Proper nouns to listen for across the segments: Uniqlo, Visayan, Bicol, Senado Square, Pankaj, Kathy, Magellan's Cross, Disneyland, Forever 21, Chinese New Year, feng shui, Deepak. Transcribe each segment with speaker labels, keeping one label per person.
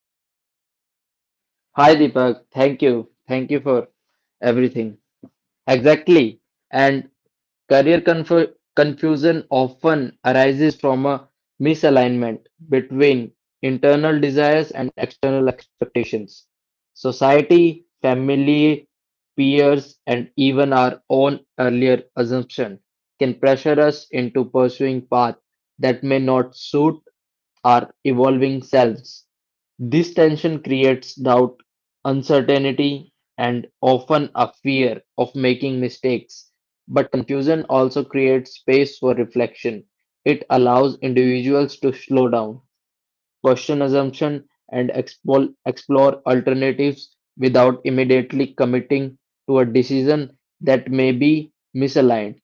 Speaker 1: welcome to the show.
Speaker 2: Hi Deepak, thank you. Thank you for everything. Exactly. And career confusion often arises from a misalignment between internal desires and external expectations. Society, family, peers, and even our own earlier assumption can pressure us into pursuing paths that may not suit our evolving selves. This tension creates doubt, uncertainty, and often a fear of making mistakes but confusion also creates space for reflection. It allows individuals to slow down, question assumptions, and explore alternatives without immediately committing to a decision that may be misaligned.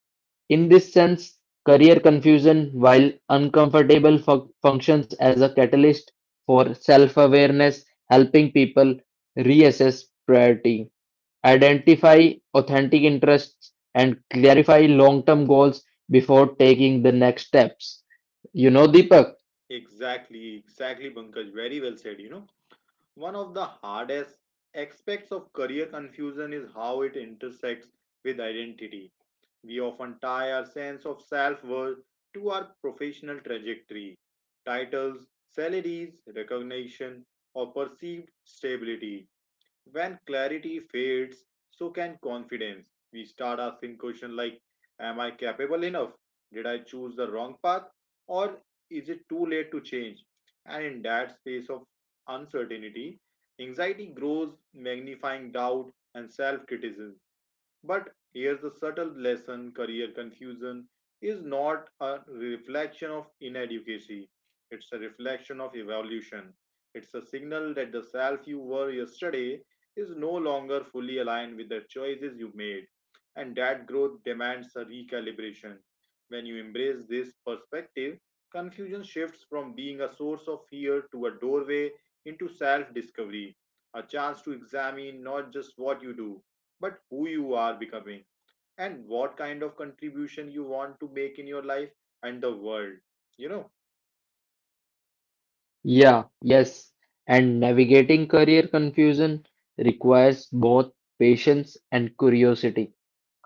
Speaker 2: In this sense, career confusion, while uncomfortable, functions as a catalyst for self awareness, helping people reassess priority. Identify authentic interests and clarify long-term goals before taking the next steps. You know, Deepak?
Speaker 1: Exactly, exactly, Pankaj. Very well said, One of the hardest aspects of career confusion is how it intersects with identity. We often tie our sense of self worth to our professional trajectory, titles, salaries, recognition, or perceived stability. When clarity fades, so can confidence. We start asking questions like, am I capable enough? Did I choose the wrong path? Or is it too late to change? And in that space of uncertainty, anxiety grows, magnifying doubt and self criticism. But here's the subtle lesson: career confusion is not a reflection of inadequacy, it's a reflection of evolution. It's a signal that the self you were yesterday is no longer fully aligned with the choices you made, and that growth demands a recalibration. When you embrace this perspective, confusion shifts from being a source of fear to a doorway into self discovery, a chance to examine not just what you do but who you are becoming and what kind of contribution you want to make in your life and the world you know
Speaker 2: Yeah, yes. And navigating career confusion requires both patience and curiosity.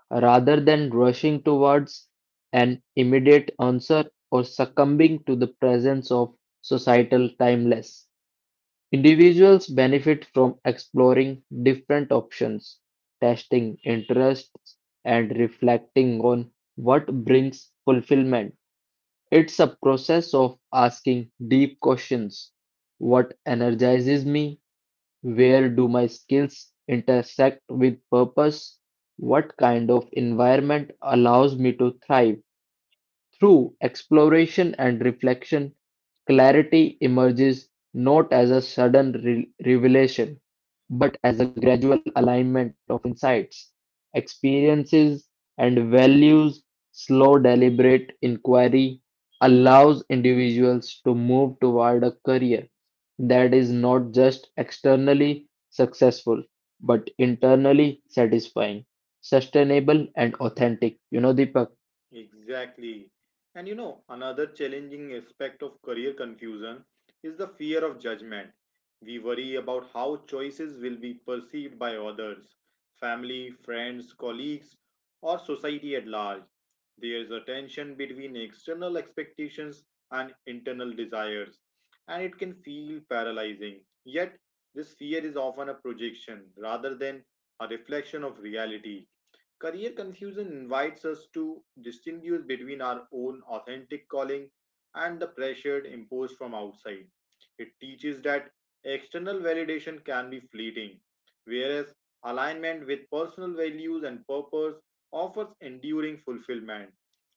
Speaker 2: Rather than rushing towards an immediate answer or succumbing to the presence of societal timeless. Individuals benefit from exploring different options, testing interests, and reflecting on what brings fulfillment. It's a process of asking deep questions. What energizes me? Where do my skills intersect with purpose? What kind of environment allows me to thrive? Through exploration and reflection, clarity emerges not as a sudden revelation, but as a gradual alignment of insights, experiences, and values. Slow, deliberate inquiry allows individuals to move toward a career that is not just externally successful, but internally satisfying, sustainable, and authentic. You know, Deepak.
Speaker 1: Exactly. And you know, another challenging aspect of career confusion is the fear of judgment. We worry about how choices will be perceived by others, family, friends, colleagues, or society at large. There is a tension between external expectations and internal desires, and it can feel paralyzing. Yet, this fear is often a projection rather than a reflection of reality. Career confusion invites us to distinguish between our own authentic calling and the pressure imposed from outside. It teaches that external validation can be fleeting, whereas alignment with personal values and purpose offers enduring fulfillment.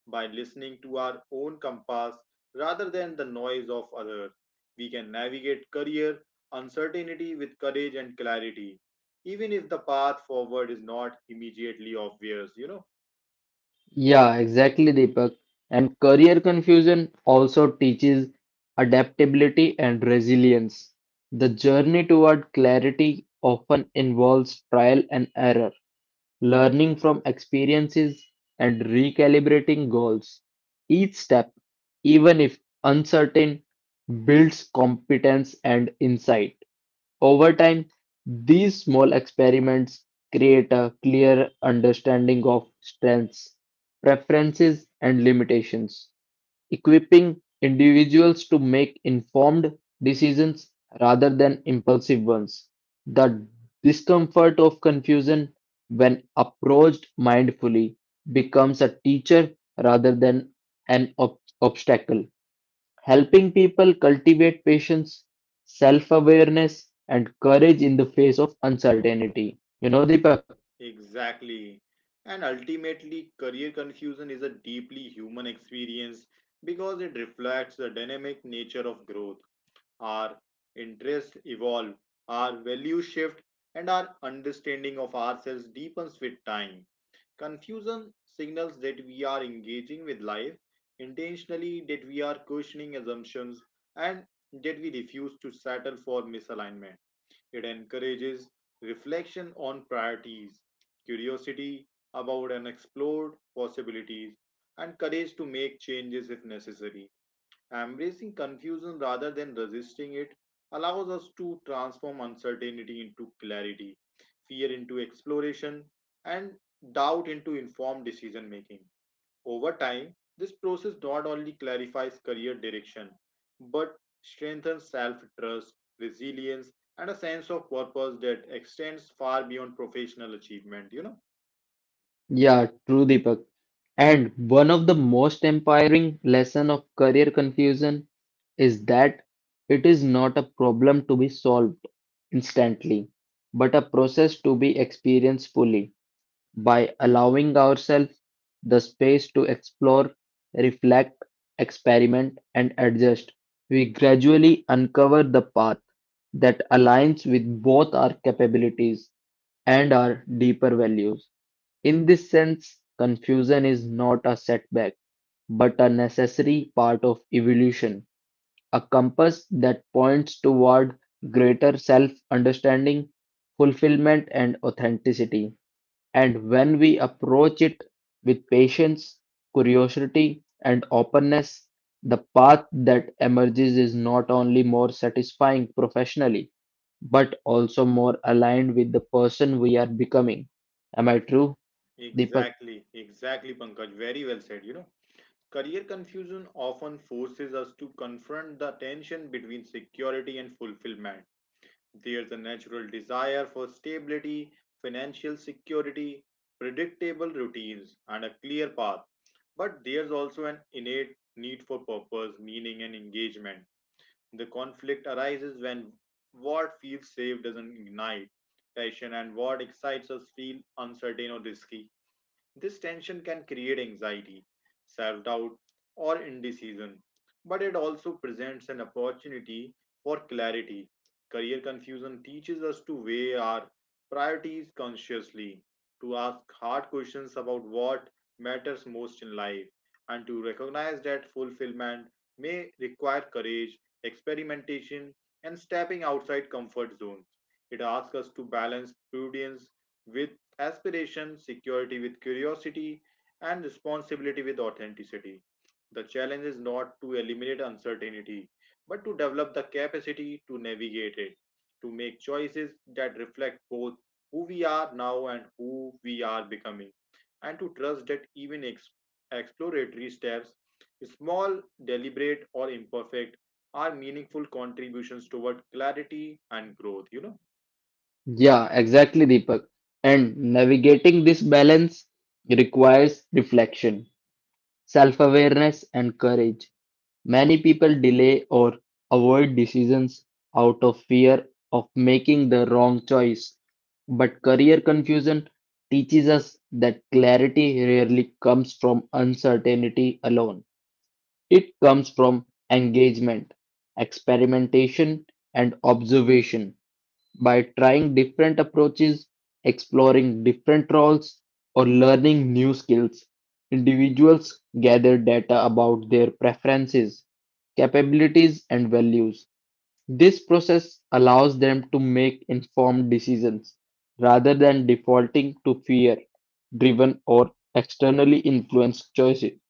Speaker 1: By listening to our own compass rather than the noise of others, we can navigate career uncertainty with courage and clarity even if the path forward is not immediately obvious, you know?
Speaker 2: Yeah, exactly, Deepak. And career confusion also teaches adaptability and resilience. The journey toward clarity often involves trial and error, learning from experiences, and recalibrating goals. Each step, even if uncertain, builds competence and insight. Over time, these small experiments create a clear understanding of strengths, preferences, and limitations, equipping individuals to make informed decisions rather than impulsive ones. The discomfort of confusion, when approached mindfully, becomes a teacher rather than an obstacle helping people cultivate patience, self awareness, and courage in the face of uncertainty. You know, Deepak?
Speaker 1: Exactly. And ultimately, career confusion is a deeply human experience because it reflects the dynamic nature of growth. Our interests evolve, our values shift, and our understanding of ourselves deepens with time. Confusion signals that we are engaging with life intentionally, that we are questioning assumptions, and that we refuse to settle for misalignment. It encourages reflection on priorities, curiosity about unexplored possibilities, and courage to make changes if necessary. Embracing confusion rather than resisting it allows us to transform uncertainty into clarity, fear into exploration, and doubt into informed decision making. Over time, this process not only clarifies career direction, but strengthens self trust, resilience, and a sense of purpose that extends far beyond professional achievement, you know.
Speaker 2: Yeah, true, Deepak. And one of the most empowering lesson of career confusion is that it is not a problem to be solved instantly, but a process to be experienced fully. By allowing ourselves the space to explore, reflect, experiment, and adjust, we gradually uncover the path that aligns with both our capabilities and our deeper values. In this sense, confusion is not a setback, but a necessary part of evolution, a compass that points toward greater self understanding, fulfillment, and authenticity. And when we approach it with patience, curiosity, and openness, the path that emerges is not only more satisfying professionally, but also more aligned with the person we are becoming. Am I true, Deepak?
Speaker 1: Exactly, exactly, Pankaj. Very well said. You know, career confusion often forces us to confront the tension between security and fulfillment. There's a natural desire for stability, financial security, predictable routines, and a clear path. But there's also an innate need for purpose, meaning, and engagement. The conflict arises when what feels safe doesn't ignite passion and what excites us feel uncertain or risky. This tension can create anxiety, self doubt, or indecision, but it also presents an opportunity for clarity. Career confusion teaches us to weigh our priorities consciously, to ask hard questions about what matters most in life, and to recognize that fulfillment may require courage, experimentation, and stepping outside comfort zones. It asks us to balance prudence with aspiration, security with curiosity, and responsibility with authenticity. The challenge is not to eliminate uncertainty, but to develop the capacity to navigate it, to make choices that reflect both who we are now and who we are becoming, and to trust that even exploratory steps, small, deliberate, or imperfect, are meaningful contributions toward clarity and growth. You know.
Speaker 2: Yeah, exactly, Deepak. And navigating this balance requires reflection, self awareness, and courage. Many people delay or avoid decisions out of fear of making the wrong choice. But career confusion teaches us that clarity rarely comes from uncertainty alone. It comes from engagement, experimentation, and observation. By trying different approaches, exploring different roles, or learning new skills, individuals gather data about their preferences, capabilities, and values. This process allows them to make informed decisions rather than defaulting to fear driven or externally influenced choices.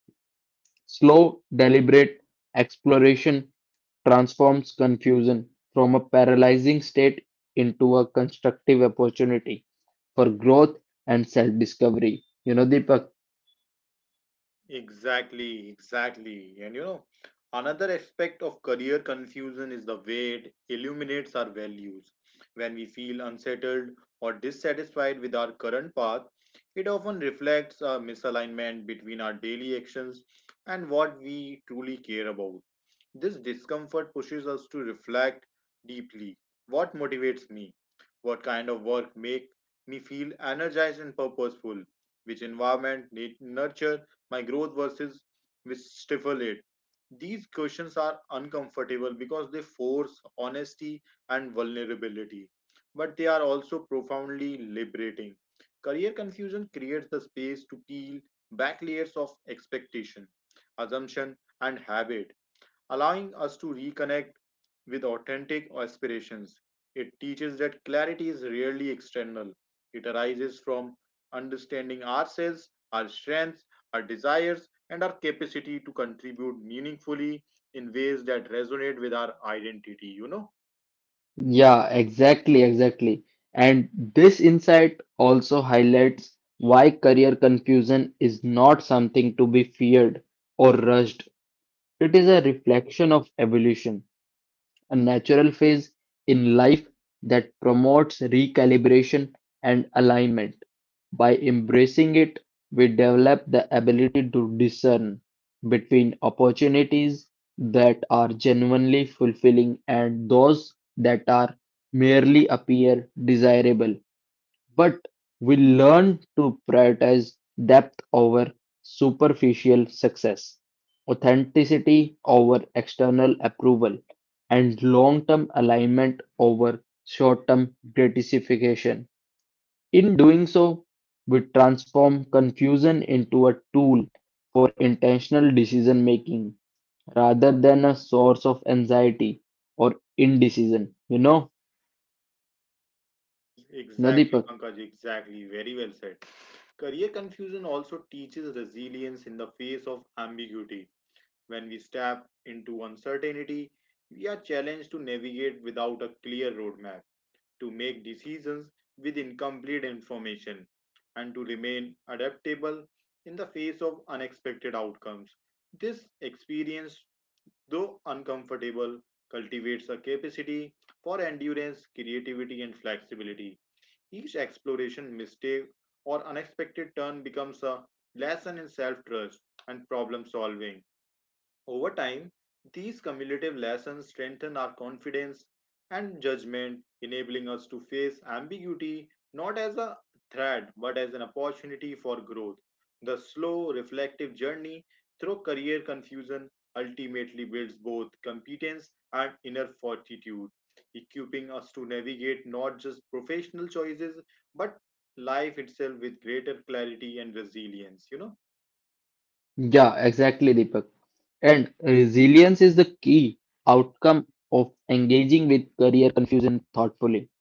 Speaker 2: Slow, deliberate exploration transforms confusion from a paralyzing state into a constructive opportunity for growth and self-discovery. You know, Deepak?
Speaker 1: Exactly, exactly. And you know, another aspect of career confusion is the way it illuminates our values. When we feel unsettled or dissatisfied with our current path, it often reflects a misalignment between our daily actions and what we truly care about. This discomfort pushes us to reflect deeply. What motivates me? What kind of work make me feel energized and purposeful? Which environment need nurture my growth versus which stifle it? These questions are uncomfortable because they force honesty and vulnerability, but they are also profoundly liberating. Career confusion creates the space to peel back layers of expectation, assumption, and habit, allowing us to reconnect with authentic aspirations. It teaches that clarity is rarely external, it arises from understanding ourselves, our strengths, our desires, and our capacity to contribute meaningfully in ways that resonate with our identity, you know.
Speaker 2: Yeah, exactly, exactly. And this insight also highlights why career confusion is not something to be feared or rushed. It is a reflection of evolution, a natural phase in life that promotes recalibration and alignment. By embracing it, we develop the ability to discern between opportunities that are genuinely fulfilling and those that are merely appear desirable but we learn to prioritize depth over superficial success, authenticity over external approval, and long term alignment over short term gratification. In doing so, we transform confusion into a tool for intentional decision making rather than a source of anxiety or indecision. You know, no,
Speaker 1: Exactly,
Speaker 2: Deepak.
Speaker 1: Pankaj, exactly. Very well said. Career confusion also teaches resilience in the face of ambiguity. When we step into uncertainty, we are challenged to navigate without a clear roadmap, to make decisions with incomplete information, and to remain adaptable in the face of unexpected outcomes. This experience, though uncomfortable, cultivates a capacity for endurance, creativity, and flexibility. Each exploration, mistake, or unexpected turn becomes a lesson in self trust and problem solving. Over time, these cumulative lessons strengthen our confidence and judgment, enabling us to face ambiguity not as a threat but as an opportunity for growth. The slow, reflective journey through career confusion ultimately builds both competence and inner fortitude, equipping us to navigate not just professional choices but life itself with greater clarity and resilience. You know,
Speaker 2: Yeah, exactly, Deepak. And resilience is the key outcome of engaging with career confusion thoughtfully.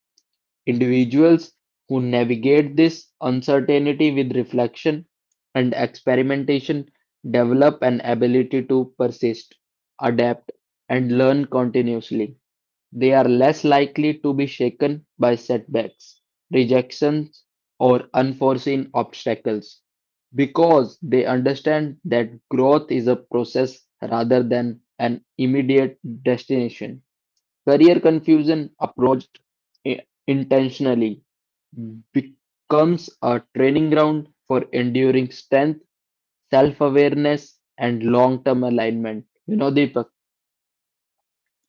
Speaker 2: Individuals who navigate this uncertainty with reflection and experimentation develop an ability to persist, adapt, and learn continuously. They are less likely to be shaken by setbacks, rejections, or unforeseen obstacles because they understand that growth is a process rather than an immediate destination. Career confusion approached i- intentionally becomes a training ground for enduring strength, self awareness, and long term alignment. You know, Deepak.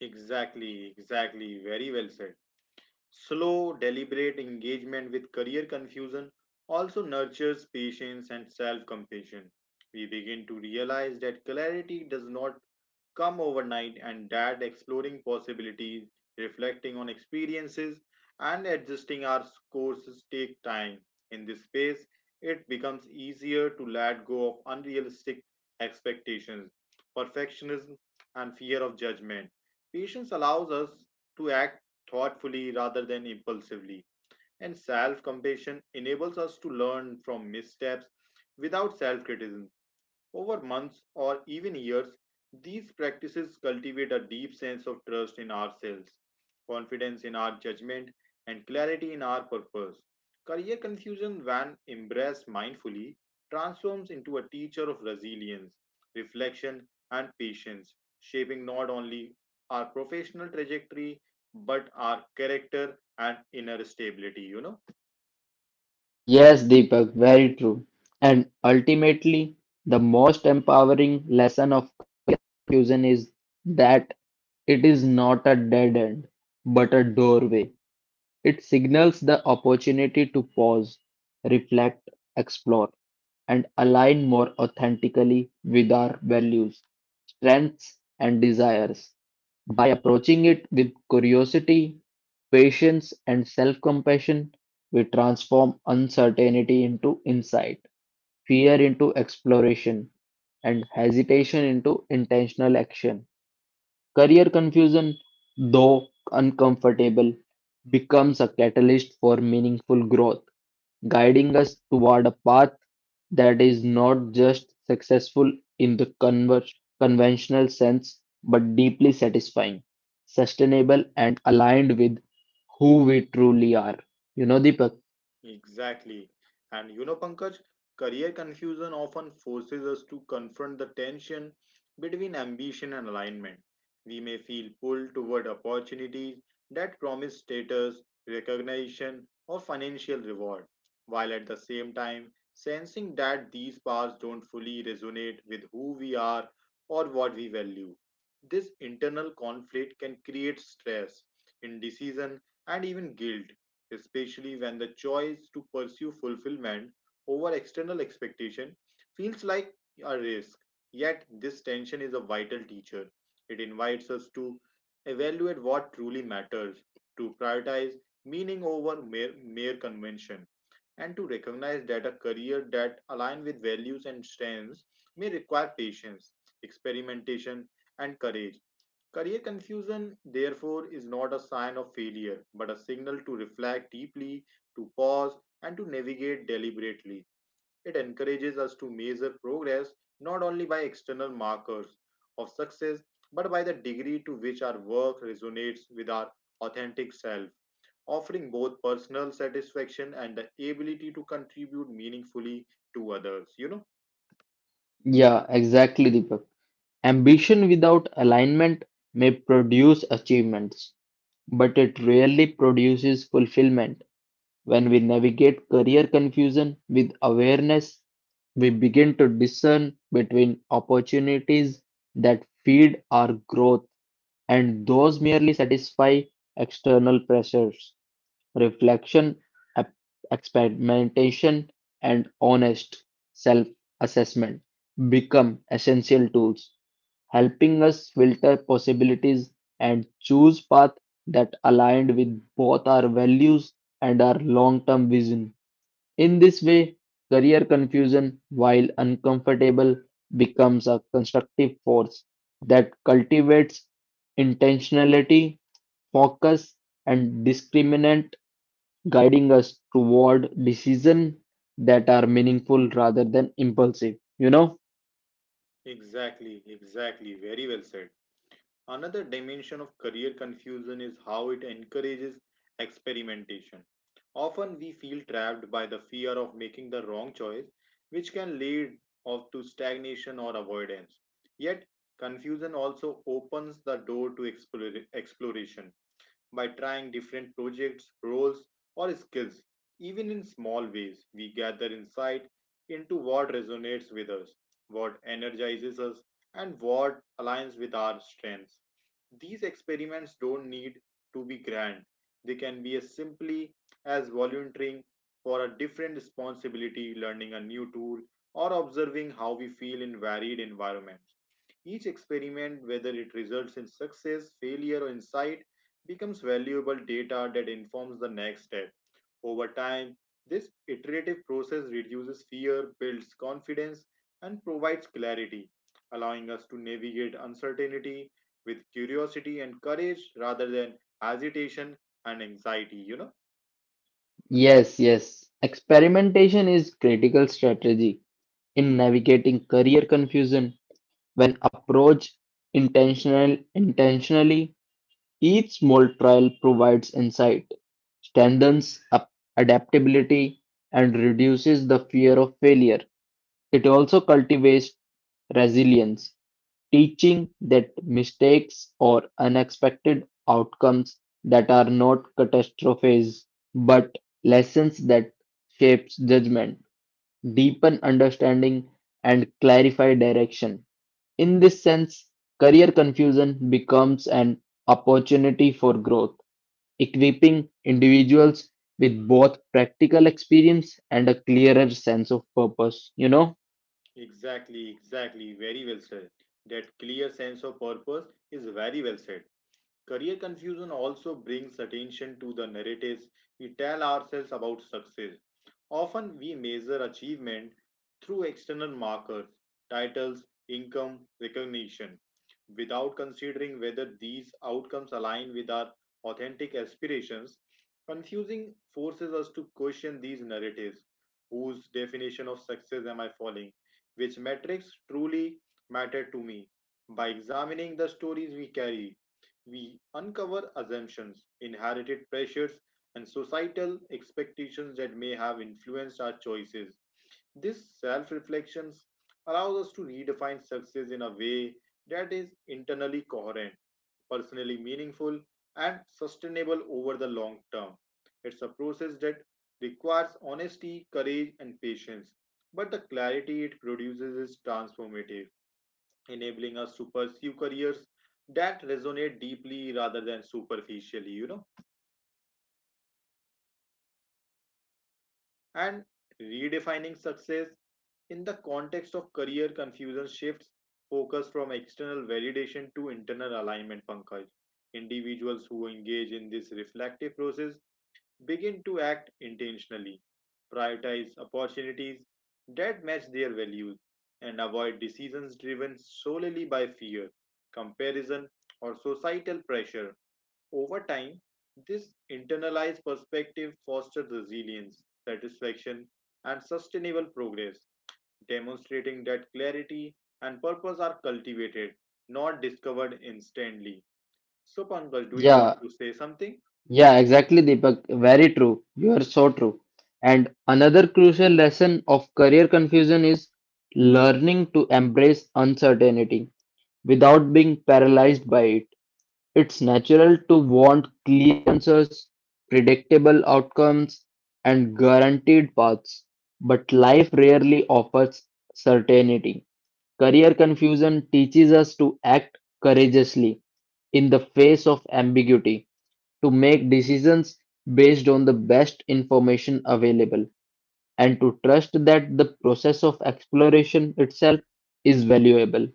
Speaker 1: exactly, exactly, very well said. Slow, deliberate engagement with career confusion also nurtures patience and self compassion. We begin to realize that clarity does not come overnight and that exploring possibilities, reflecting on experiences, and adjusting our courses take time. In this phase, it becomes easier to let go of unrealistic expectations, perfectionism, and fear of judgment. Patience allows us to act thoughtfully rather than impulsively. And self compassion enables us to learn from missteps without self criticism. Over months or even years, these practices cultivate a deep sense of trust in ourselves, confidence in our judgment, and clarity in our purpose. Career confusion, when embraced mindfully, transforms into a teacher of resilience, reflection, and patience, shaping not only our professional trajectory but our character and inner stability, you know.
Speaker 2: Yes, Deepak, very true. And ultimately, the most empowering lesson of confusion is that it is not a dead end, but a doorway. It signals the opportunity to pause, reflect, explore, and align more authentically with our values, strengths, and desires. By approaching it with curiosity, patience, and self-compassion, we transform uncertainty into insight, fear into exploration, and hesitation into intentional action. Career confusion, though uncomfortable, becomes a catalyst for meaningful growth guiding us toward a path that is not just successful in the conventional sense, but deeply satisfying, sustainable, and aligned with who we truly are. You know, Deepak?
Speaker 1: Exactly. And you know, Pankaj, career confusion often forces us to confront the tension between ambition and alignment. We may feel pulled toward opportunities that promise status, recognition, or financial reward, while at the same time sensing that these paths don't fully resonate with who we are or what we value. This internal conflict can create stress, indecision, and even guilt, especially when the choice to pursue fulfillment over external expectation feels like a risk. Yet, this tension is a vital teacher. It invites us to evaluate what truly matters, to prioritize meaning over mere convention, and to recognize that a career that aligns with values and strengths may require patience, experimentation, and courage. Career confusion, therefore, is not a sign of failure, but a signal to reflect deeply, to pause, and to navigate deliberately. It encourages us to measure progress not only by external markers of success, but by the degree to which our work resonates with our authentic self, offering both personal satisfaction and the ability to contribute meaningfully to others. You know?
Speaker 2: Yeah, exactly, Deepak. Ambition without alignment may produce achievements, but it rarely produces fulfillment. When we navigate career confusion with awareness, we begin to discern between opportunities that feed our growth and those merely satisfy external pressures. Reflection, ep- experimentation, and honest self assessment become essential tools, helping us filter possibilities and choose paths that aligned with both our values and our long term vision. In this way, career confusion, while uncomfortable, becomes a constructive force that cultivates intentionality, focus, and discriminant, guiding us toward decisions that are meaningful rather than impulsive. You know?
Speaker 1: Exactly, exactly. Very well said. Another dimension of career confusion is how it encourages experimentation. Often we feel trapped by the fear of making the wrong choice, which can lead of to stagnation or avoidance. Yet, confusion also opens the door to exploration by trying different projects, roles, or skills. Even in small ways, we gather insight into what resonates with us, what energizes us, and what aligns with our strengths. These experiments don't need to be grand, they can be as simply as volunteering for a different responsibility, learning a new tool, or observing how we feel in varied environments. Each experiment, whether it results in success, failure, or insight, becomes valuable data that informs the next step. Over time, this iterative process reduces fear, builds confidence, and provides clarity, allowing us to navigate uncertainty with curiosity and courage rather than hesitation and anxiety.
Speaker 2: Yes, yes. Experimentation is critical strategy in navigating career confusion when approached intentionally. Each small trial provides insight, strengthens up adaptability, and reduces the fear of failure. It also cultivates resilience, teaching that mistakes or unexpected outcomes that are not catastrophes but lessons that shapes judgment, deepen understanding, and clarify direction. In this sense, career confusion becomes an opportunity for growth equipping individuals with both practical experience and a clearer sense of purpose, you know?
Speaker 1: Exactly, exactly. Very well said. That clear sense of purpose is very well said. Career confusion also brings attention to the narratives we tell ourselves about success. Often we measure achievement through external markers, titles, income, recognition, without considering whether these outcomes align with our authentic aspirations. Confusing forces us to question these narratives. Whose definition of success am I following? Which metrics truly matter to me? By examining the stories we carry, we uncover assumptions, inherited pressures, and societal expectations that may have influenced our choices. This self reflection allows us to redefine success in a way that is internally coherent, personally meaningful, and sustainable over the long term. It's a process that requires honesty, courage, and patience, but the clarity it produces is transformative, enabling us to pursue careers that resonate deeply rather than superficially. And redefining success in the context of career confusion shifts focus from external validation to internal alignment, Pankaj. Individuals who engage in this reflective process begin to act intentionally, prioritize opportunities that match their values, and avoid decisions driven solely by fear, comparison, or societal pressure. Over time, this internalized perspective fosters resilience, satisfaction, and sustainable progress, demonstrating that clarity and purpose are cultivated, not discovered instantly. So, Pankaj, do you want
Speaker 2: Yeah,
Speaker 1: to say something?
Speaker 2: yeah, exactly, Deepak. Very true. You are so true. And another crucial lesson of career confusion is learning to embrace uncertainty without being paralyzed by it. It's natural to want clear answers, predictable outcomes, and guaranteed paths, but life rarely offers certainty. Career confusion teaches us to act courageously in the face of ambiguity, to make decisions based on the best information available, and to trust that the process of exploration itself is valuable.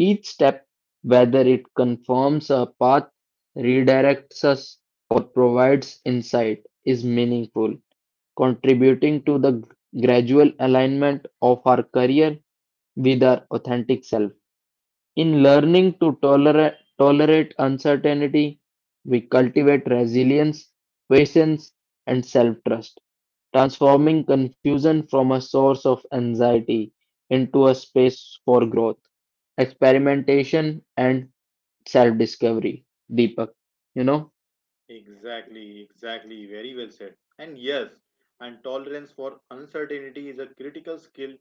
Speaker 2: Each step, whether it confirms a path, redirects us, or provides insight, is meaningful, contributing to the gradual alignment of our career with our authentic self. In learning to tolerate uncertainty, we cultivate resilience, patience, and self trust, transforming confusion from a source of anxiety into a space for growth, experimentation, and self discovery. Deepak, you know?
Speaker 1: Exactly, exactly. Very well said. And yes, and tolerance for uncertainty is a critical skill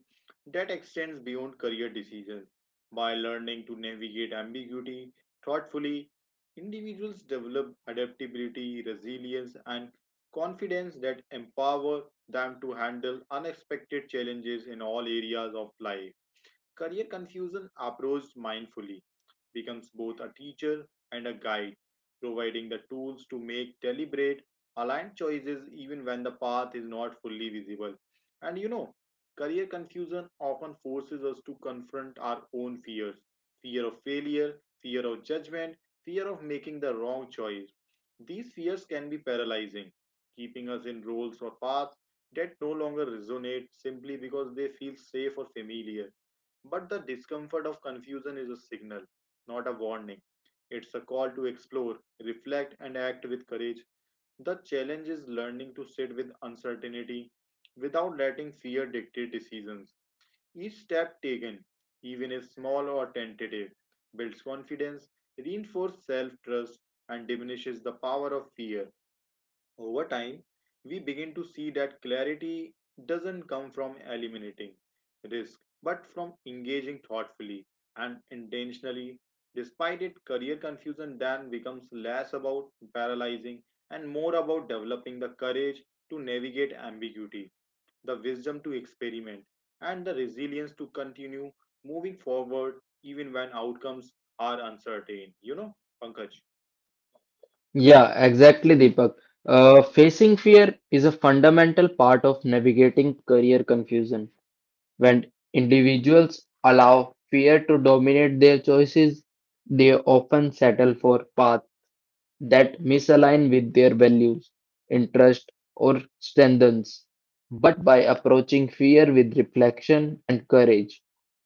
Speaker 1: that extends beyond career decisions. By learning to navigate ambiguity thoughtfully, individuals develop adaptability, resilience, and confidence that empower them to handle unexpected challenges in all areas of life. Career confusion approached mindfully becomes both a teacher and a guide, providing the tools to make deliberate, aligned choices even when the path is not fully visible. And career confusion often forces us to confront our own fears: fear of failure, fear of judgment, fear of making the wrong choice. These fears can be paralyzing, keeping us in roles or paths that no longer resonate simply because they feel safe or familiar. But the discomfort of confusion is a signal, not a warning. It's a call to explore, reflect, and act with courage. The challenge is learning to sit with uncertainty without letting fear dictate decisions. Each step taken, even if small or tentative, builds confidence, reinforces self trust, and diminishes the power of fear. Over time, we begin to see that clarity doesn't come from eliminating risk, but from engaging thoughtfully and intentionally. Despite it, career confusion then becomes less about paralyzing and more about developing the courage to navigate ambiguity, the wisdom to experiment, and the resilience to continue moving forward even when outcomes are uncertain, Pankaj.
Speaker 2: Yeah, exactly, Deepak. Facing fear is a fundamental part of navigating career confusion. When individuals allow fear to dominate their choices, they often settle for paths that misalign with their values, interests, or strengths. But by approaching fear with reflection and courage,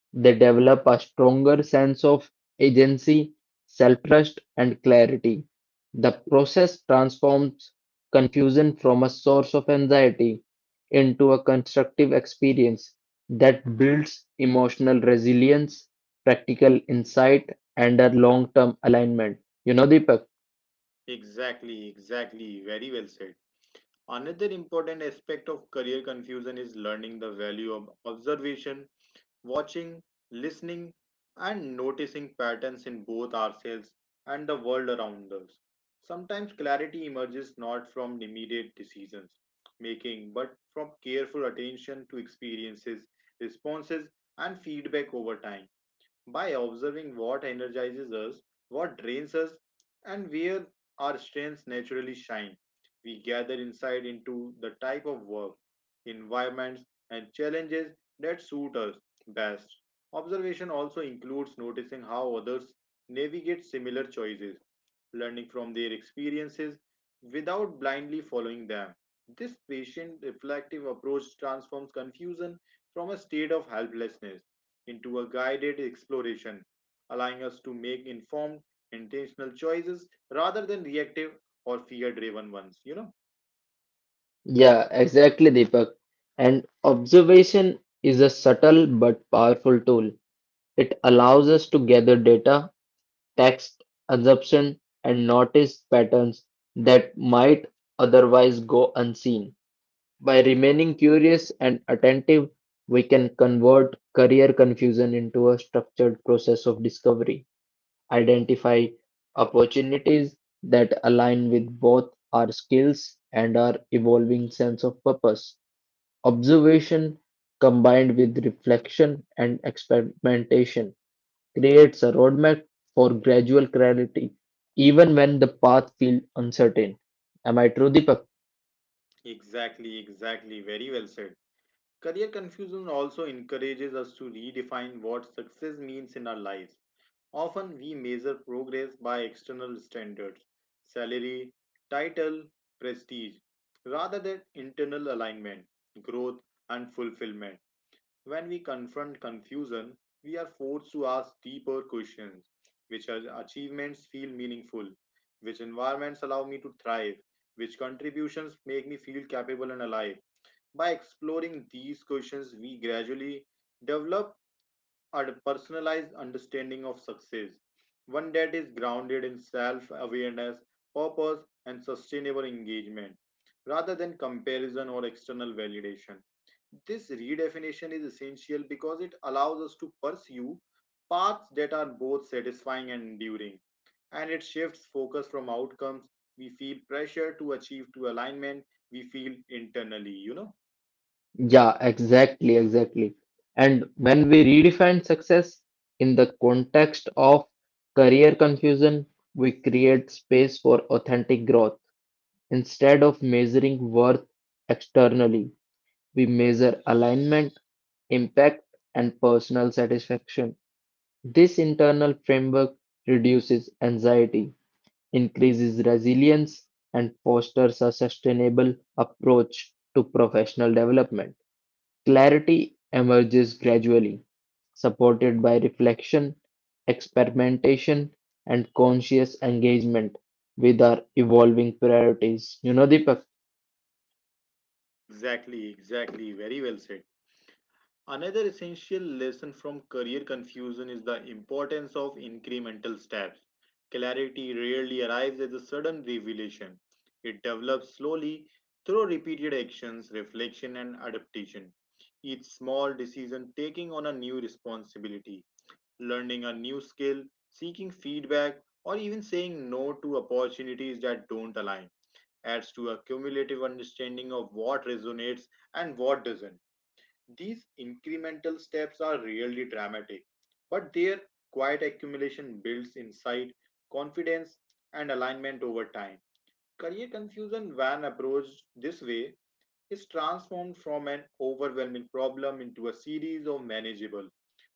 Speaker 2: they develop a stronger sense of agency, self-trust, and clarity. The process transforms confusion from a source of anxiety into a constructive experience that builds emotional resilience, practical insight, and a long-term alignment. You know, Deepak?
Speaker 1: Exactly, exactly. Very well said. Another important aspect of career confusion is learning the value of observation, watching, listening, and noticing patterns in both ourselves and the world around us. Sometimes clarity emerges not from immediate decisions making, but from careful attention to experiences, responses, and feedback over time, by observing what energizes us, what drains us, and where our strengths naturally shine. We gather insight into the type of work, environments, and challenges that suit us best. Observation also includes noticing how others navigate similar choices, learning from their experiences without blindly following them. This patient reflective approach transforms confusion from a state of helplessness into a guided exploration, allowing us to make informed, intentional choices rather than reactive or fear driven ones.
Speaker 2: Yeah, exactly, Deepak. And observation is a subtle but powerful tool. It allows us to gather data text, assumptions, and notice patterns that might otherwise go unseen. By remaining curious and attentive, we can convert career confusion into a structured process of discovery, identify opportunities that align with both our skills and our evolving sense of purpose. Observation combined with reflection and experimentation creates a roadmap for gradual clarity, even when the path feels uncertain. Am I true, Deepak?
Speaker 1: Exactly, exactly. Very well said. Career confusion also encourages us to redefine what success means in our lives. Often we measure progress by external standards, salary, title, prestige, rather than internal alignment, growth, and fulfillment. When we confront confusion, we are forced to ask deeper questions: which achievements feel meaningful, which environments allow me to thrive, which contributions make me feel capable and alive. By exploring these questions, we gradually develop a personalized understanding of success, one that is grounded in self awareness, purpose, and sustainable engagement, rather than comparison or external validation. This redefinition is essential because it allows us to pursue paths that are both satisfying and enduring, and it shifts focus from outcomes we feel pressure to achieve to alignment we feel internally.
Speaker 2: Yeah, exactly, exactly. And when we redefine success in the context of career confusion, we create space for authentic growth. Instead of measuring worth externally, we measure alignment, impact, and personal satisfaction. This internal framework reduces anxiety increases resilience, and fosters a sustainable approach to professional development. Clarity emerges gradually, supported by reflection, experimentation, and conscious engagement with our evolving priorities. You know, Deepak?
Speaker 1: Exactly, exactly. Very well said. Another essential lesson from career confusion is the importance of incremental steps. Clarity rarely arrives as a sudden revelation. It develops slowly through repeated actions, reflection, and adaptation. Each small decision taking on a new responsibility, learning a new skill, seeking feedback, or even saying no to opportunities that don't align adds to a cumulative understanding of what resonates and what doesn't. These incremental steps are really dramatic, but their quiet accumulation builds insight, confidence, and alignment over time. Career confusion, when approached this way, is transformed from an overwhelming problem into a series of manageable,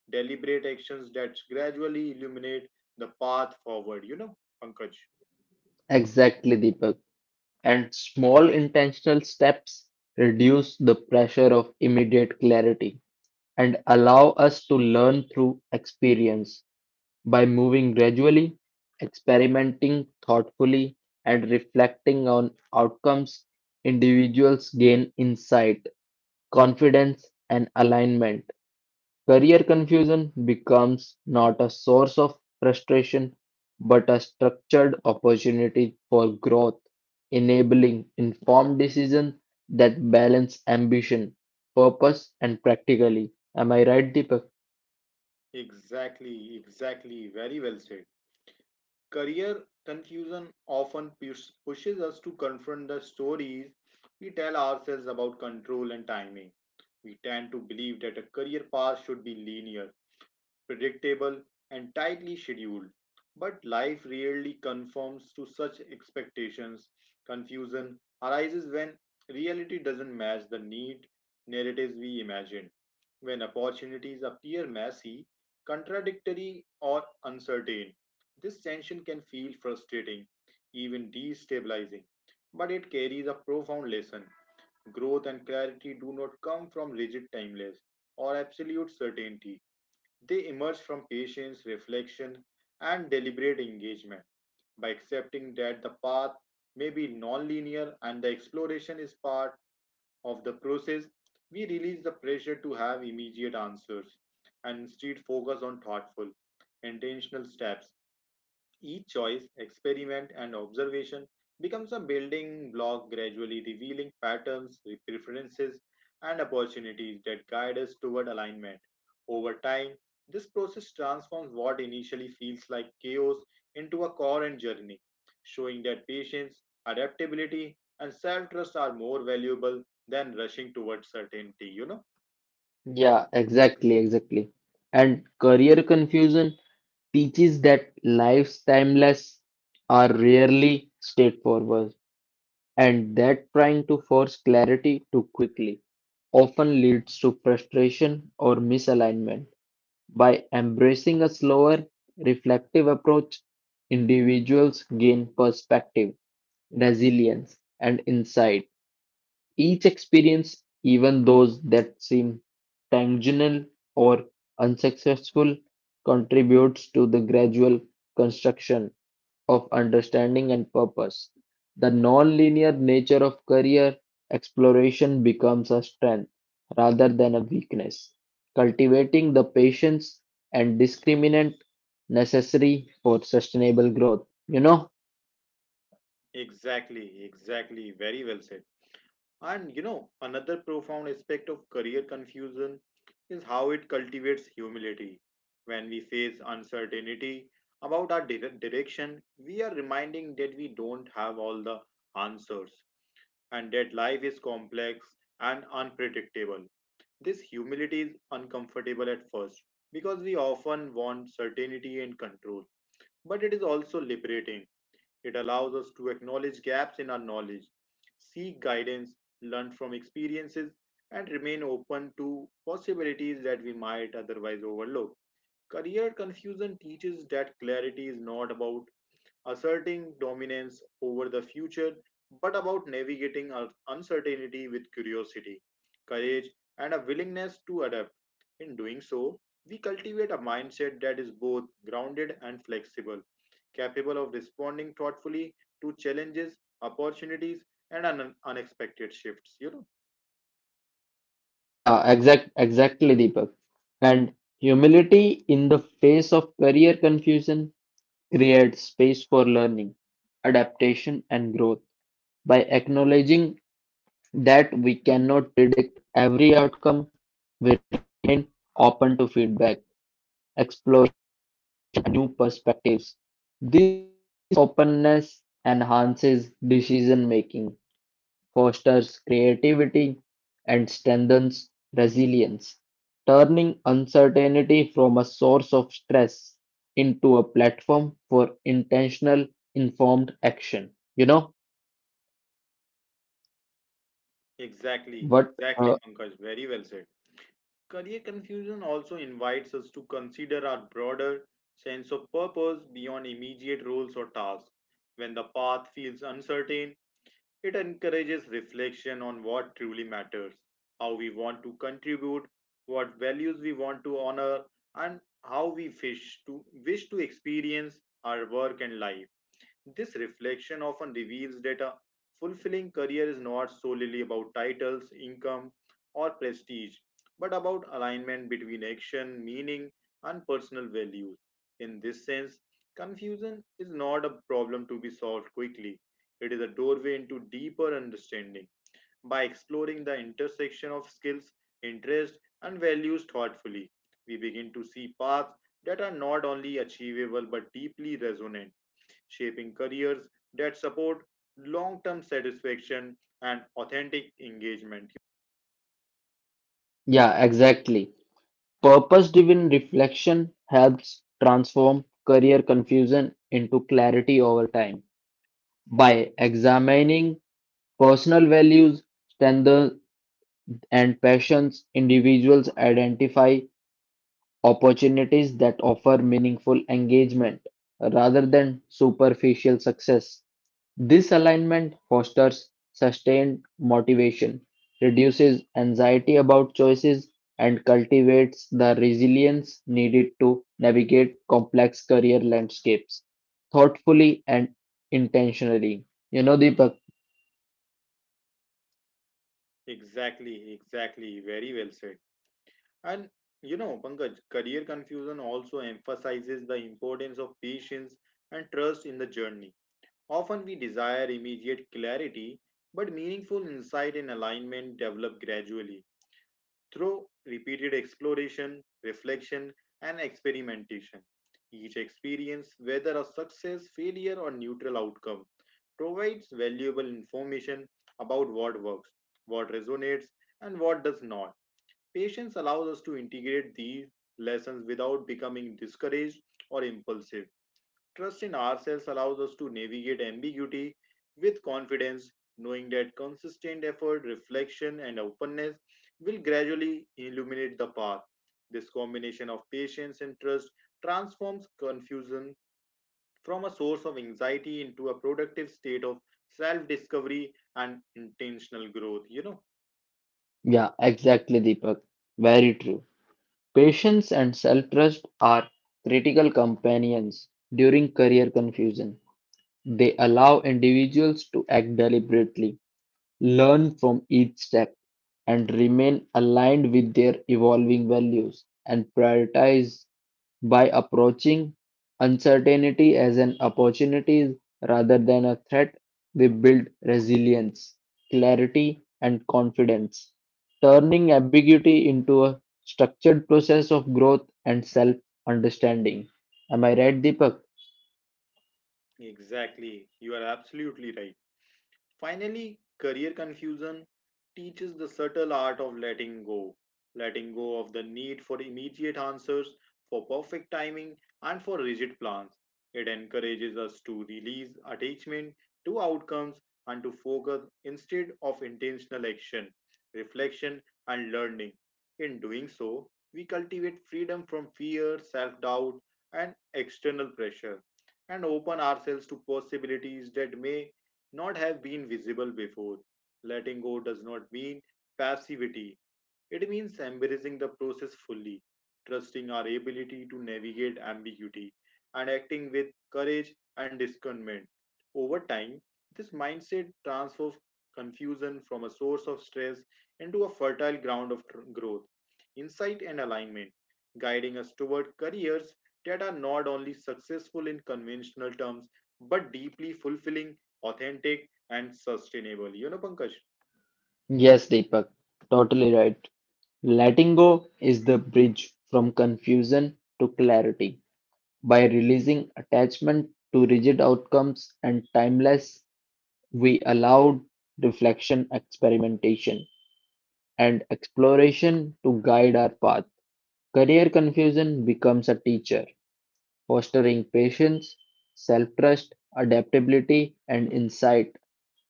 Speaker 1: deliberate actions that gradually illuminate the path forward, Pankaj.
Speaker 2: Exactly, Deepak. And small intentional steps reduce the pressure of immediate clarity and allow us to learn through experience. By moving gradually, experimenting thoughtfully, and reflecting on outcomes, individuals gain insight, confidence, and alignment. Career confusion becomes not a source of frustration, but a structured opportunity for growth, enabling informed decisions that balance ambition, purpose, and practically. Am I right, Deepak?
Speaker 1: Exactly, exactly. Very well said. Career confusion often pushes us to confront the stories we tell ourselves about control and timing. We tend to believe that a career path should be linear, predictable, and tightly scheduled. But life rarely conforms to such expectations. Confusion arises when reality doesn't match the neat narratives we imagine, when opportunities appear messy, contradictory, or uncertain. This tension can feel frustrating, even destabilizing, but it carries a profound lesson. Growth and clarity do not come from rigid timelines or absolute certainty. They emerge from patience, reflection, and deliberate engagement, by accepting that the path may be non-linear and the exploration is part of the process. We release the pressure to have immediate answers and instead focus on thoughtful, intentional steps. Each choice, experiment, and observation becomes a building block, gradually revealing patterns, preferences, and opportunities that guide us toward alignment. Over time, this process transforms what initially feels like chaos into a coherent journey, showing that patience, adaptability, and self trust are more valuable than rushing towards certainty. You know?
Speaker 2: Yeah, exactly, exactly. And career confusion teaches that life's timeless are rarely straightforward, and that trying to force clarity too quickly often leads to frustration or misalignment. By embracing a slower, reflective approach, individuals gain perspective, resilience, and insight. Each experience, even those that seem tangential or unsuccessful, contributes to the gradual construction of understanding and purpose. The nonlinear nature of career exploration becomes a strength rather than a weakness, cultivating the patience and discriminant necessary for sustainable growth. You know,
Speaker 1: Exactly, exactly. Very well said. And another profound aspect of career confusion is how it cultivates humility. When we face uncertainty about our direction, we are reminding that we don't have all the answers and that life is complex and unpredictable. This humility is uncomfortable at first because we often want certainty and control, but it is also liberating. It allows us to acknowledge gaps in our knowledge, seek guidance, learn from experiences, and remain open to possibilities that we might otherwise overlook. Career confusion teaches that clarity is not about asserting dominance over the future, but about navigating uncertainty with curiosity, courage, and a willingness to adapt. In doing so, we cultivate a mindset that is both grounded and flexible, capable of responding thoughtfully to challenges, opportunities, and unexpected shifts.
Speaker 2: Yeah, exactly, Deepak. And humility in the face of career confusion creates space for learning, adaptation, and growth. By acknowledging that we cannot predict every outcome, we are open to feedback, explore new perspectives. This openness enhances decision making, fosters creativity, and strengthens resilience, turning uncertainty from a source of stress into a platform for intentional, informed action. You know
Speaker 1: Exactly,
Speaker 2: what?
Speaker 1: exactly, Pankaj. Very well said. Career confusion also invites us to consider our broader sense of purpose beyond immediate roles or tasks. When the path feels uncertain, it encourages reflection on what truly matters, how we want to contribute, what values we want to honor, and how we wish to experience our work and life. This reflection often reveals that a fulfilling career is not solely about titles, income, or prestige, but about alignment between action, meaning, and personal values. In this sense, confusion is not a problem to be solved quickly, it is a doorway into deeper understanding. By exploring the intersection of skills, interests, and values thoughtfully, we begin to see paths that are not only achievable but deeply resonant, shaping careers that support long term satisfaction and authentic engagement.
Speaker 2: Yeah, exactly. Purpose driven reflection helps transform career confusion into clarity over time by examining personal values, strengths, and passions individuals identify opportunities that offer meaningful engagement rather than superficial success. This alignment fosters sustained motivation, reduces anxiety about choices, and cultivates the resilience needed to navigate complex career landscapes thoughtfully and intentionally. You know, Deepak?
Speaker 1: Exactly, exactly. Very well said. And Pankaj, career confusion also emphasizes the importance of patience and trust in the journey. Often we desire immediate clarity, but meaningful insight and alignment develop gradually through repeated exploration, reflection, and experimentation. Each experience, whether a success, failure, or neutral outcome, provides valuable information about what works, what resonates, and what does not. Patience allows us to integrate these lessons without becoming discouraged or impulsive. Trust in ourselves allows us to navigate ambiguity with confidence, knowing that consistent effort, reflection, and openness will gradually illuminate the path. This combination of patience and trust transforms confusion from a source of anxiety into a productive state of self discovery and intentional growth.
Speaker 2: Yeah, exactly, Deepak. Very true. Patience and self-trust are critical companions during career confusion; they allow individuals to act deliberately, learn from each step, and remain aligned with their evolving values and prioritize by approaching uncertainty as an opportunity rather than a threat. We build resilience, clarity, and confidence, turning ambiguity into a structured process of growth and self understanding. Am I right, Deepak?
Speaker 1: Exactly. You are absolutely right. Finally, career confusion teaches the subtle art of letting go of the need for immediate answers, for perfect timing, and for rigid plans. It encourages us to release attachment to outcomes and to focus instead of intentional action, reflection, and learning. In doing so, we cultivate freedom from fear, self doubt, and external pressure and open ourselves to possibilities that may not have been visible before. Letting go does not mean passivity, it means embracing the process fully, trusting our ability to navigate ambiguity, and acting with courage and discernment. Over time, this mindset transforms confusion from a source of stress into a fertile ground of growth, insight, and alignment, guiding us toward careers that are not only successful in conventional terms but deeply fulfilling, authentic, and sustainable. You know, Pankaj?
Speaker 2: Yes, Deepak, totally right. Letting go is the bridge from confusion to clarity. By releasing attachment to rigid outcomes and timeless, we allowed reflection, experimentation, and exploration to guide our path. Career confusion becomes a teacher fostering patience, self trust, adaptability, and insight,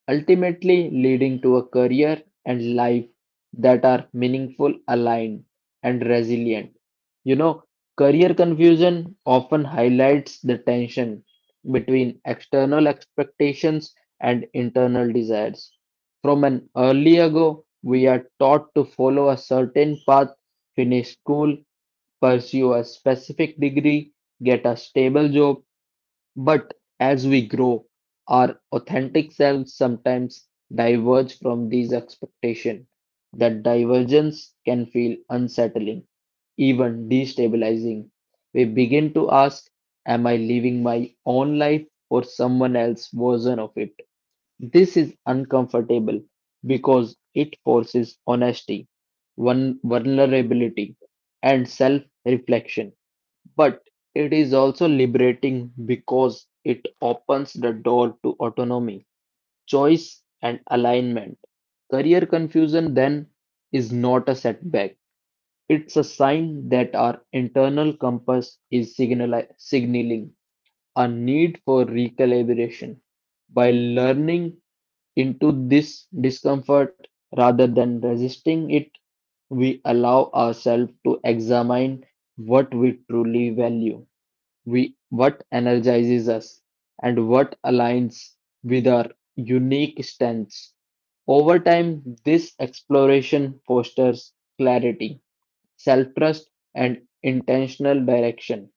Speaker 2: ultimately leading to a career and life that are meaningful, aligned, and resilient. You know, career confusion often highlights the tension between external expectations and internal desires. From an early ago, we are taught to follow a certain path, finish school, pursue a specific degree, get a stable job, but as we grow, our authentic selves sometimes diverge from these expectations. That divergence can feel unsettling, even destabilizing. We begin to ask, am I living my own life or someone else's version of it? This is uncomfortable because it forces honesty, vulnerability, and self reflection. But it is also liberating because it opens the door to autonomy, choice, and alignment. Career confusion then is not a setback, it's a sign that our internal compass is signaling a need for recalibration by learning into this discomfort rather than resisting it. We allow ourselves to examine what we truly value, we, what energizes us and what aligns with our unique strengths. Over time, this exploration fosters clarity, self-trust, and intentional direction,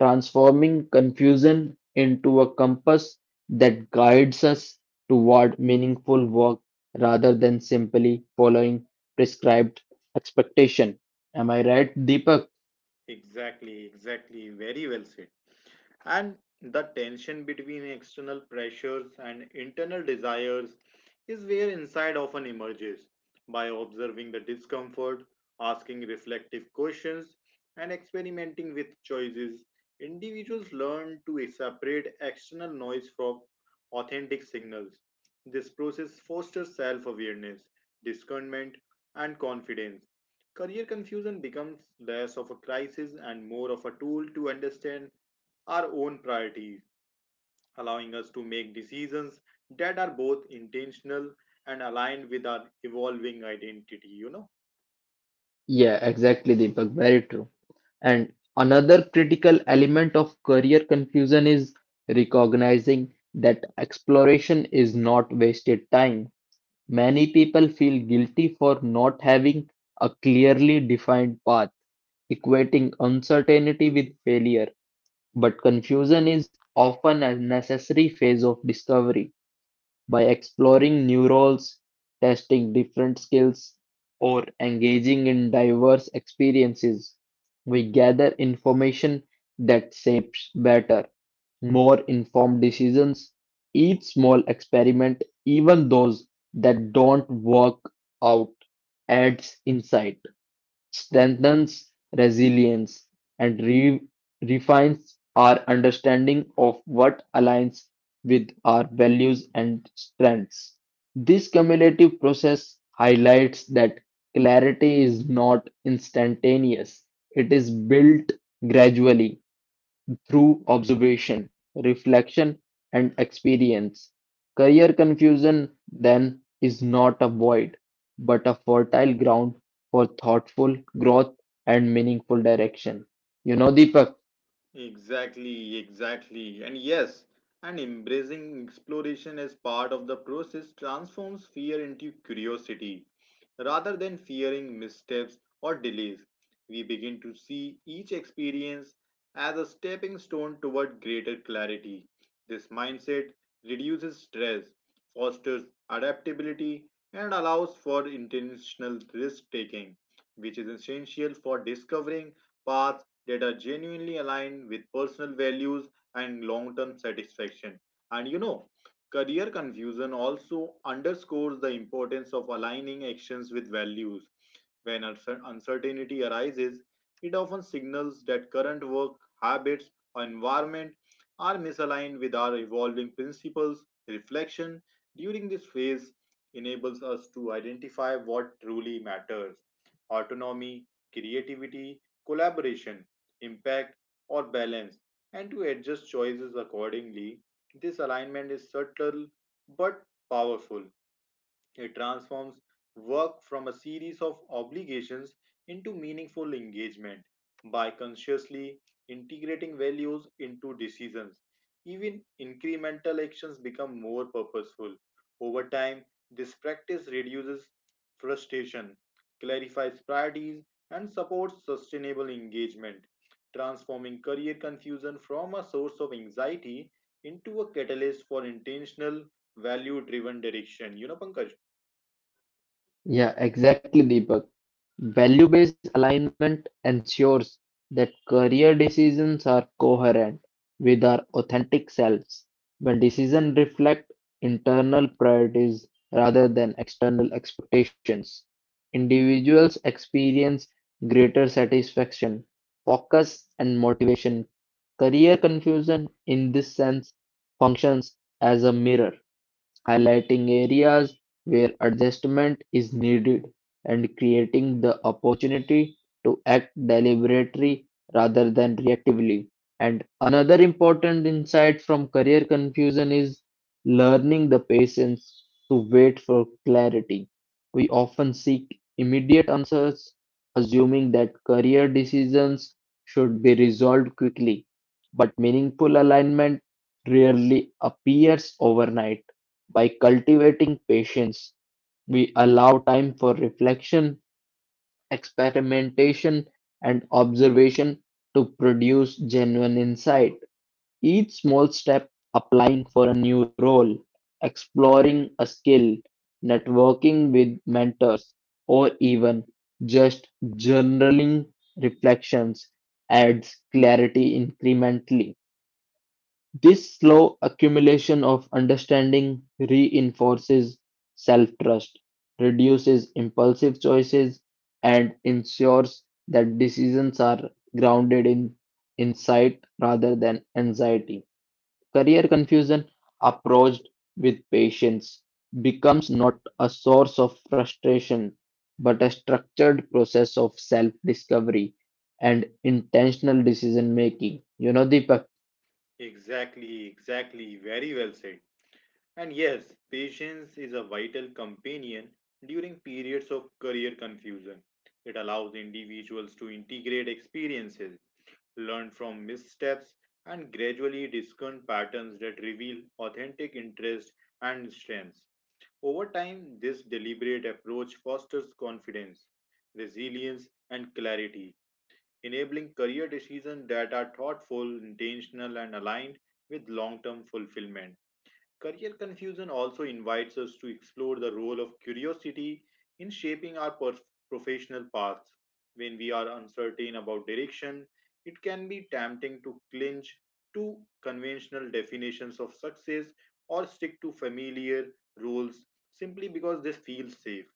Speaker 2: transforming confusion into a compass that guides us toward meaningful work rather than simply following prescribed expectation. Am I right, Deepak?
Speaker 1: Exactly, exactly. Very well said. And the tension between external pressures and internal desires is where insight often emerges. By observing the discomfort, asking reflective questions, and experimenting with choices, individuals learn to separate external noise from authentic signals. This process fosters self awareness, discernment, and confidence. Career confusion becomes less of a crisis and more of a tool to understand our own priorities, allowing us to make decisions that are both intentional and aligned with our evolving identity, you know.
Speaker 2: Yeah, exactly, Deepak. Very true. And another critical element of career confusion is recognizing that exploration is not wasted time. Many people feel guilty for not having a clearly defined path, equating uncertainty with failure, but confusion is often a necessary phase of discovery. By exploring new roles, testing different skills, or engaging in diverse experiences, we gather information that shapes better, more informed decisions. Each small experiment, even those that don't work out, adds insight, strengthens resilience, and refines our understanding of what aligns with our values and strengths. This cumulative process highlights that clarity is not instantaneous, it is built gradually through observation, reflection, and experience. Career confusion, then, is not a void, but a fertile ground for thoughtful growth and meaningful direction. You know, Deepak?
Speaker 1: Exactly, exactly. And yes, and embracing exploration as part of the process transforms fear into curiosity. Rather than fearing missteps or delays, we begin to see each experience as a stepping stone toward greater clarity. This mindset reduces stress, fosters adaptability, and allows for intentional risk taking, which is essential for discovering paths that are genuinely aligned with personal values and long term satisfaction. And you know, career confusion also underscores the importance of aligning actions with values when uncertainty arises, it often signals that current work habits or environment are misaligned with our evolving principles. Reflection during this phase enables us to identify what truly matters autonomy, creativity, collaboration, impact, or balance, and to adjust choices accordingly. This alignment is subtle but powerful it transforms work from a series of obligations into meaningful engagement by consciously integrating values into decisions. Even incremental actions become more purposeful. Over time, this practice reduces frustration, clarifies priorities, and supports sustainable engagement, transforming career confusion from a source of anxiety into a catalyst for intentional value driven direction. You know, Pankaj?
Speaker 2: Yeah, exactly, Deepak. Value-based alignment ensures that career decisions are coherent with our authentic selves. When decisions reflect internal priorities rather than external expectations, individuals experience greater satisfaction, focus, and motivation. Career confusion, in this sense, functions as a mirror highlighting areas where adjustment is needed and creating the opportunity to act deliberately rather than reactively. And another important insight from career confusion is learning the patience to wait for clarity. We often seek immediate answers, assuming that career decisions should be resolved quickly, but meaningful alignment rarely appears overnight. By cultivating patience, we allow time for reflection, experimentation, and observation to produce genuine insight. Each small step, applying for a new role, exploring a skill, networking with mentors, or even just journaling reflections, adds clarity incrementally. This slow accumulation of understanding reinforces self-trust, reduces impulsive choices, and ensures that decisions are grounded in insight rather than anxiety. Career confusion, approached with patience, becomes not a source of frustration but a structured process of self-discovery and intentional decision making. You know, Deepak.
Speaker 1: Exactly, exactly. Very well said. And yes, patience is a vital companion during periods of career confusion. It allows individuals to integrate experiences, learn from missteps, and gradually discern patterns that reveal authentic interests and strengths. Over time, this deliberate approach fosters confidence, resilience, and clarity enabling career decisions that are thoughtful, intentional, and aligned with long term fulfillment. Career confusion also invites us to explore the role of curiosity in shaping our professional paths. When we are uncertain about direction, it can be tempting to clinch to conventional definitions of success or stick to familiar rules simply because this feels safe.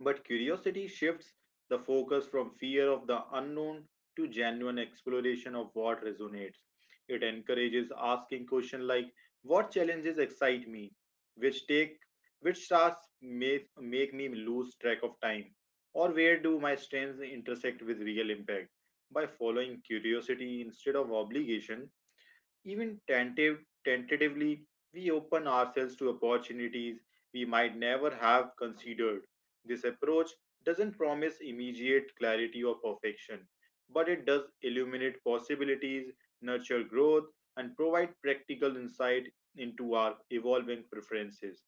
Speaker 1: But curiosity shifts the focus from fear of the unknown to genuine exploration of what resonates. It encourages asking questions like what challenges excite me, which take which tasks make me lose track of time, or where do my strengths intersect with real impact. By following curiosity instead of obligation, even tentative, tentatively, we open ourselves to opportunities we might never have considered. This approach doesn't promise immediate clarity or perfection, but it does illuminate possibilities, nurture growth, and provide practical insight into our evolving preferences.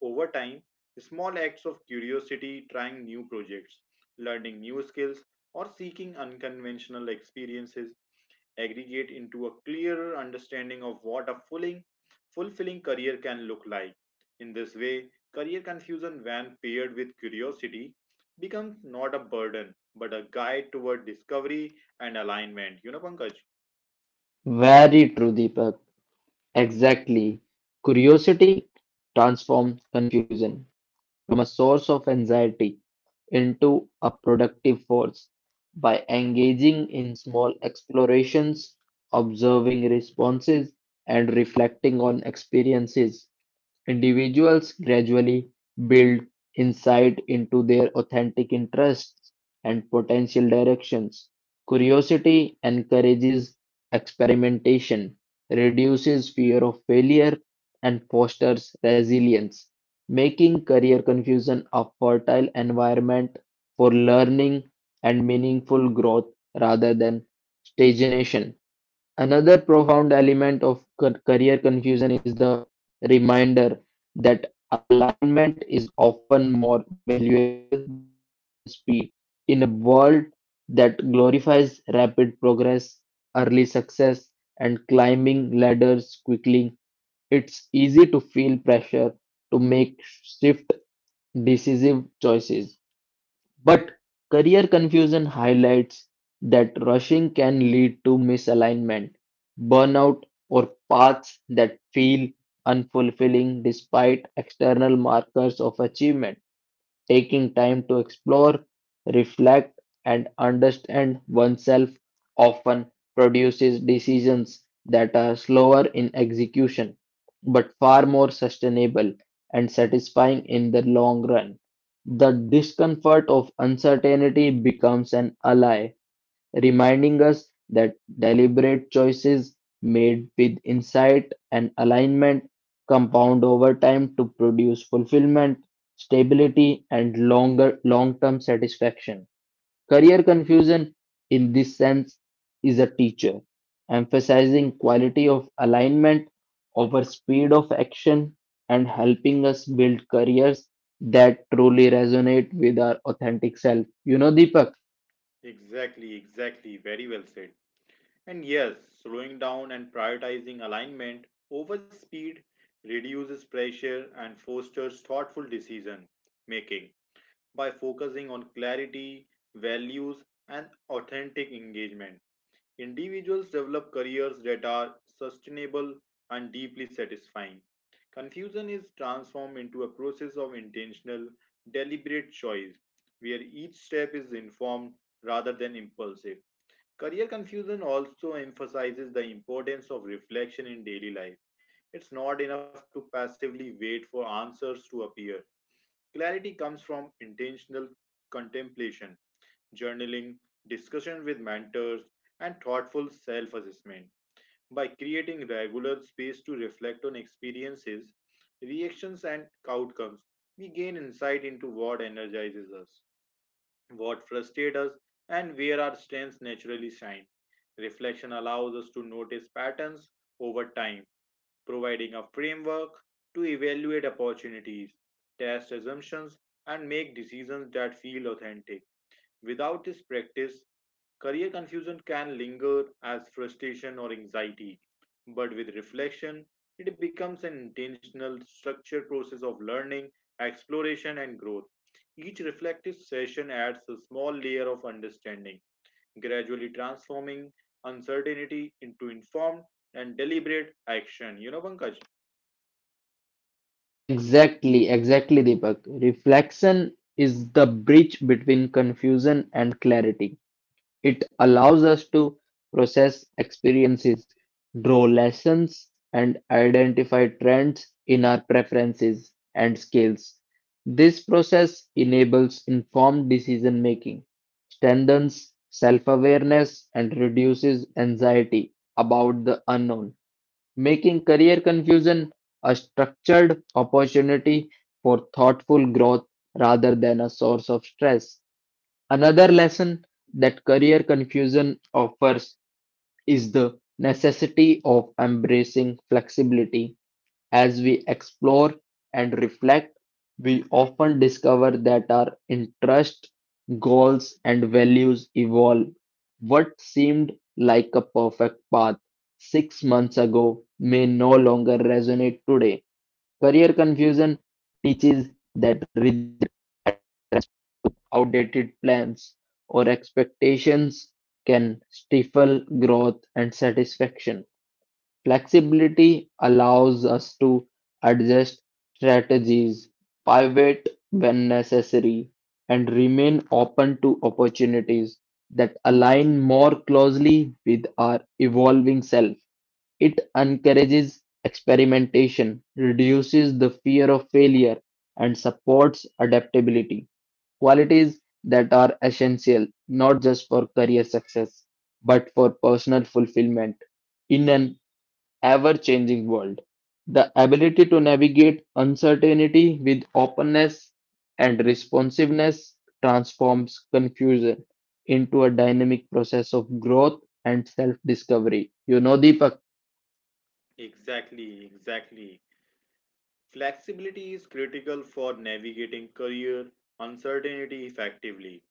Speaker 1: Over time, small acts of curiosity, trying new projects, learning new skills, or seeking unconventional experiences aggregate into a clearer understanding of what a fulfilling career can look like. In this way, career confusion, when paired with curiosity, becomes not a burden but a guide toward discovery and alignment. You know, Pankaj?
Speaker 2: Very true, Deepak. Exactly. Curiosity transforms confusion from a source of anxiety into a productive force by engaging in small explorations, observing responses, and reflecting on experiences. Individuals gradually build insight into their authentic interests and potential directions. Curiosity encourages experimentation, reduces fear of failure, and fosters resilience, making career confusion a fertile environment for learning and meaningful growth rather than stagnation. Another profound element of career confusion is the reminder that alignment is often more valuable than speed. In a world that glorifies rapid progress, early success, and climbing ladders quickly, it's easy to feel pressure to make shift decisive choices. But career confusion highlights that rushing can lead to misalignment, burnout, or paths that feel unfulfilling despite external markers of achievement. Taking time to explore, reflect, and understand oneself often produces decisions that are slower in execution, but far more sustainable and satisfying in the long run. The discomfort of uncertainty becomes an ally, reminding us that deliberate choices made with insight and alignment compound over time to produce fulfillment, stability, and longer long-term satisfaction. Career confusion, in this sense, is a teacher, emphasizing quality of alignment over speed of action and helping us build careers that truly resonate with our authentic self. You know, Deepak.
Speaker 1: Exactly, exactly. Very well said. And yes, slowing down and prioritizing alignment over speed reduces pressure and fosters thoughtful decision making, by focusing on clarity, values, and authentic engagement. Individuals develop careers that are sustainable and deeply satisfying. Confusion is transformed into a process of intentional, deliberate choice, where each step is informed rather than impulsive. Career confusion also emphasizes the importance of reflection in daily life. It's not enough to passively wait for answers to appear. Clarity comes from intentional contemplation, journaling, discussion with mentors, and thoughtful self assessment. By creating regular space to reflect on experiences, reactions, and outcomes, we gain insight into what energizes us, what frustrates us, and where our strengths naturally shine. Reflection allows us to notice patterns over time providing a framework to evaluate opportunities, test assumptions, and make decisions that feel authentic. Without this practice, career confusion can linger as frustration or anxiety. But with reflection, it becomes an intentional, structured process of learning, exploration, and growth. Each reflective session adds a small layer of understanding, gradually transforming uncertainty into informed and deliberate action. You know, Pankaj?
Speaker 2: Exactly, exactly, Deepak. Reflection is the bridge between confusion and clarity. It allows us to process experiences, draw lessons, and identify trends in our preferences and skills. This process enables informed decision making, strengthens self awareness, and reduces anxiety about the unknown, making career confusion a structured opportunity for thoughtful growth rather than a source of stress. Another lesson that career confusion offers is the necessity of embracing flexibility. As we explore and reflect, we often discover that our interests, goals, and values evolve. What seemed like a perfect path 6 months ago may no longer resonate today. Career confusion teaches that rigid, outdated plans or expectations can stifle growth and satisfaction. Flexibility allows us to adjust strategies, pivot when necessary, and remain open to opportunities that align more closely with our evolving self. It encourages experimentation, reduces the fear of failure, and supports adaptability. Qualities that are essential not just for career success, but for personal fulfillment in an ever changing world. The ability to navigate uncertainty with openness and responsiveness transforms confusion into a dynamic process of growth and self discovery. You know, Deepak.
Speaker 1: Exactly, exactly. Flexibility is critical for navigating career uncertainty effectively.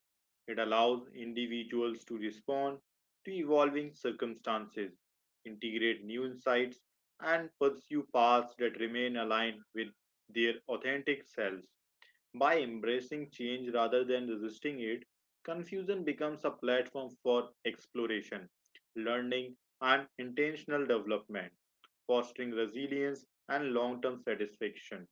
Speaker 1: It allows individuals to respond to evolving circumstances, integrate new insights, and pursue paths that remain aligned with their authentic selves. By embracing change rather than resisting it, confusion becomes a platform for exploration, learning, and intentional development, fostering resilience and long term satisfaction.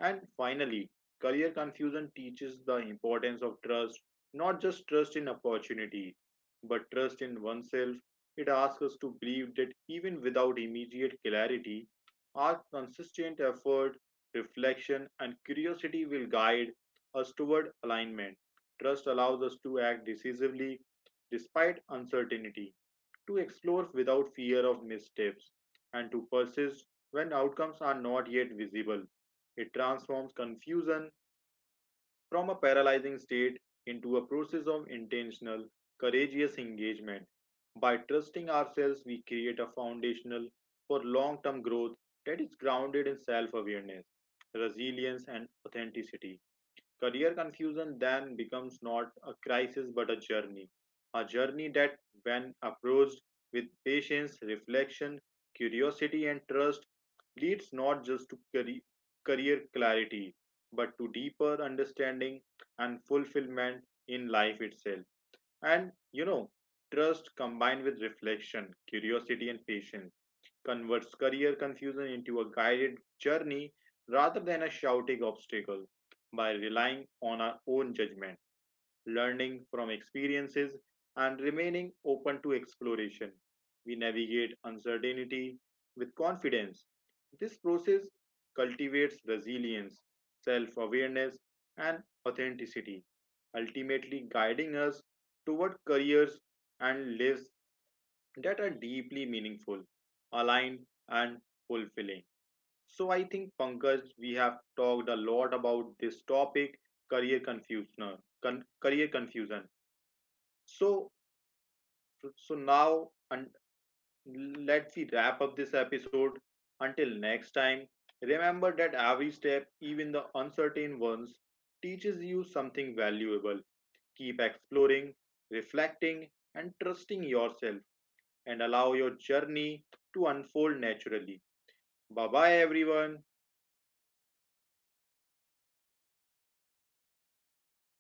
Speaker 1: And finally, career confusion teaches the importance of trust, not just trust in opportunities, but trust in oneself. It asks us to believe that even without immediate clarity, our consistent effort, reflection, and curiosity will guide us toward alignment. Trust allows us to act decisively despite uncertainty, to explore without fear of missteps, and to persist when outcomes are not yet visible. It transforms confusion from a paralyzing state into a process of intentional, courageous engagement. By trusting ourselves, we create a foundational for long term growth that is grounded in self awareness, resilience, and authenticity. Career confusion then becomes not a crisis but a journey. A journey that, when approached with patience, reflection, curiosity, and trust, leads not just to career clarity but to deeper understanding and fulfillment in life itself. And you know, trust combined with reflection, curiosity, and patience converts career confusion into a guided journey rather than a shouting obstacle by relying on our own judgment, learning from experiences, and remaining open to exploration. We navigate uncertainty with confidence. This process cultivates resilience, self awareness, and authenticity, ultimately guiding us toward careers and lives that are deeply meaningful, aligned, and fulfilling. So, I think, Pankaj, we have talked a lot about this topic career confusion. Career confusion. So, so now, and let's see, wrap up this episode. Until next time, remember that every step, even the uncertain ones, teaches you something valuable. Keep exploring, reflecting, and trusting yourself and allow your journey to unfold naturally. Bye bye, everyone.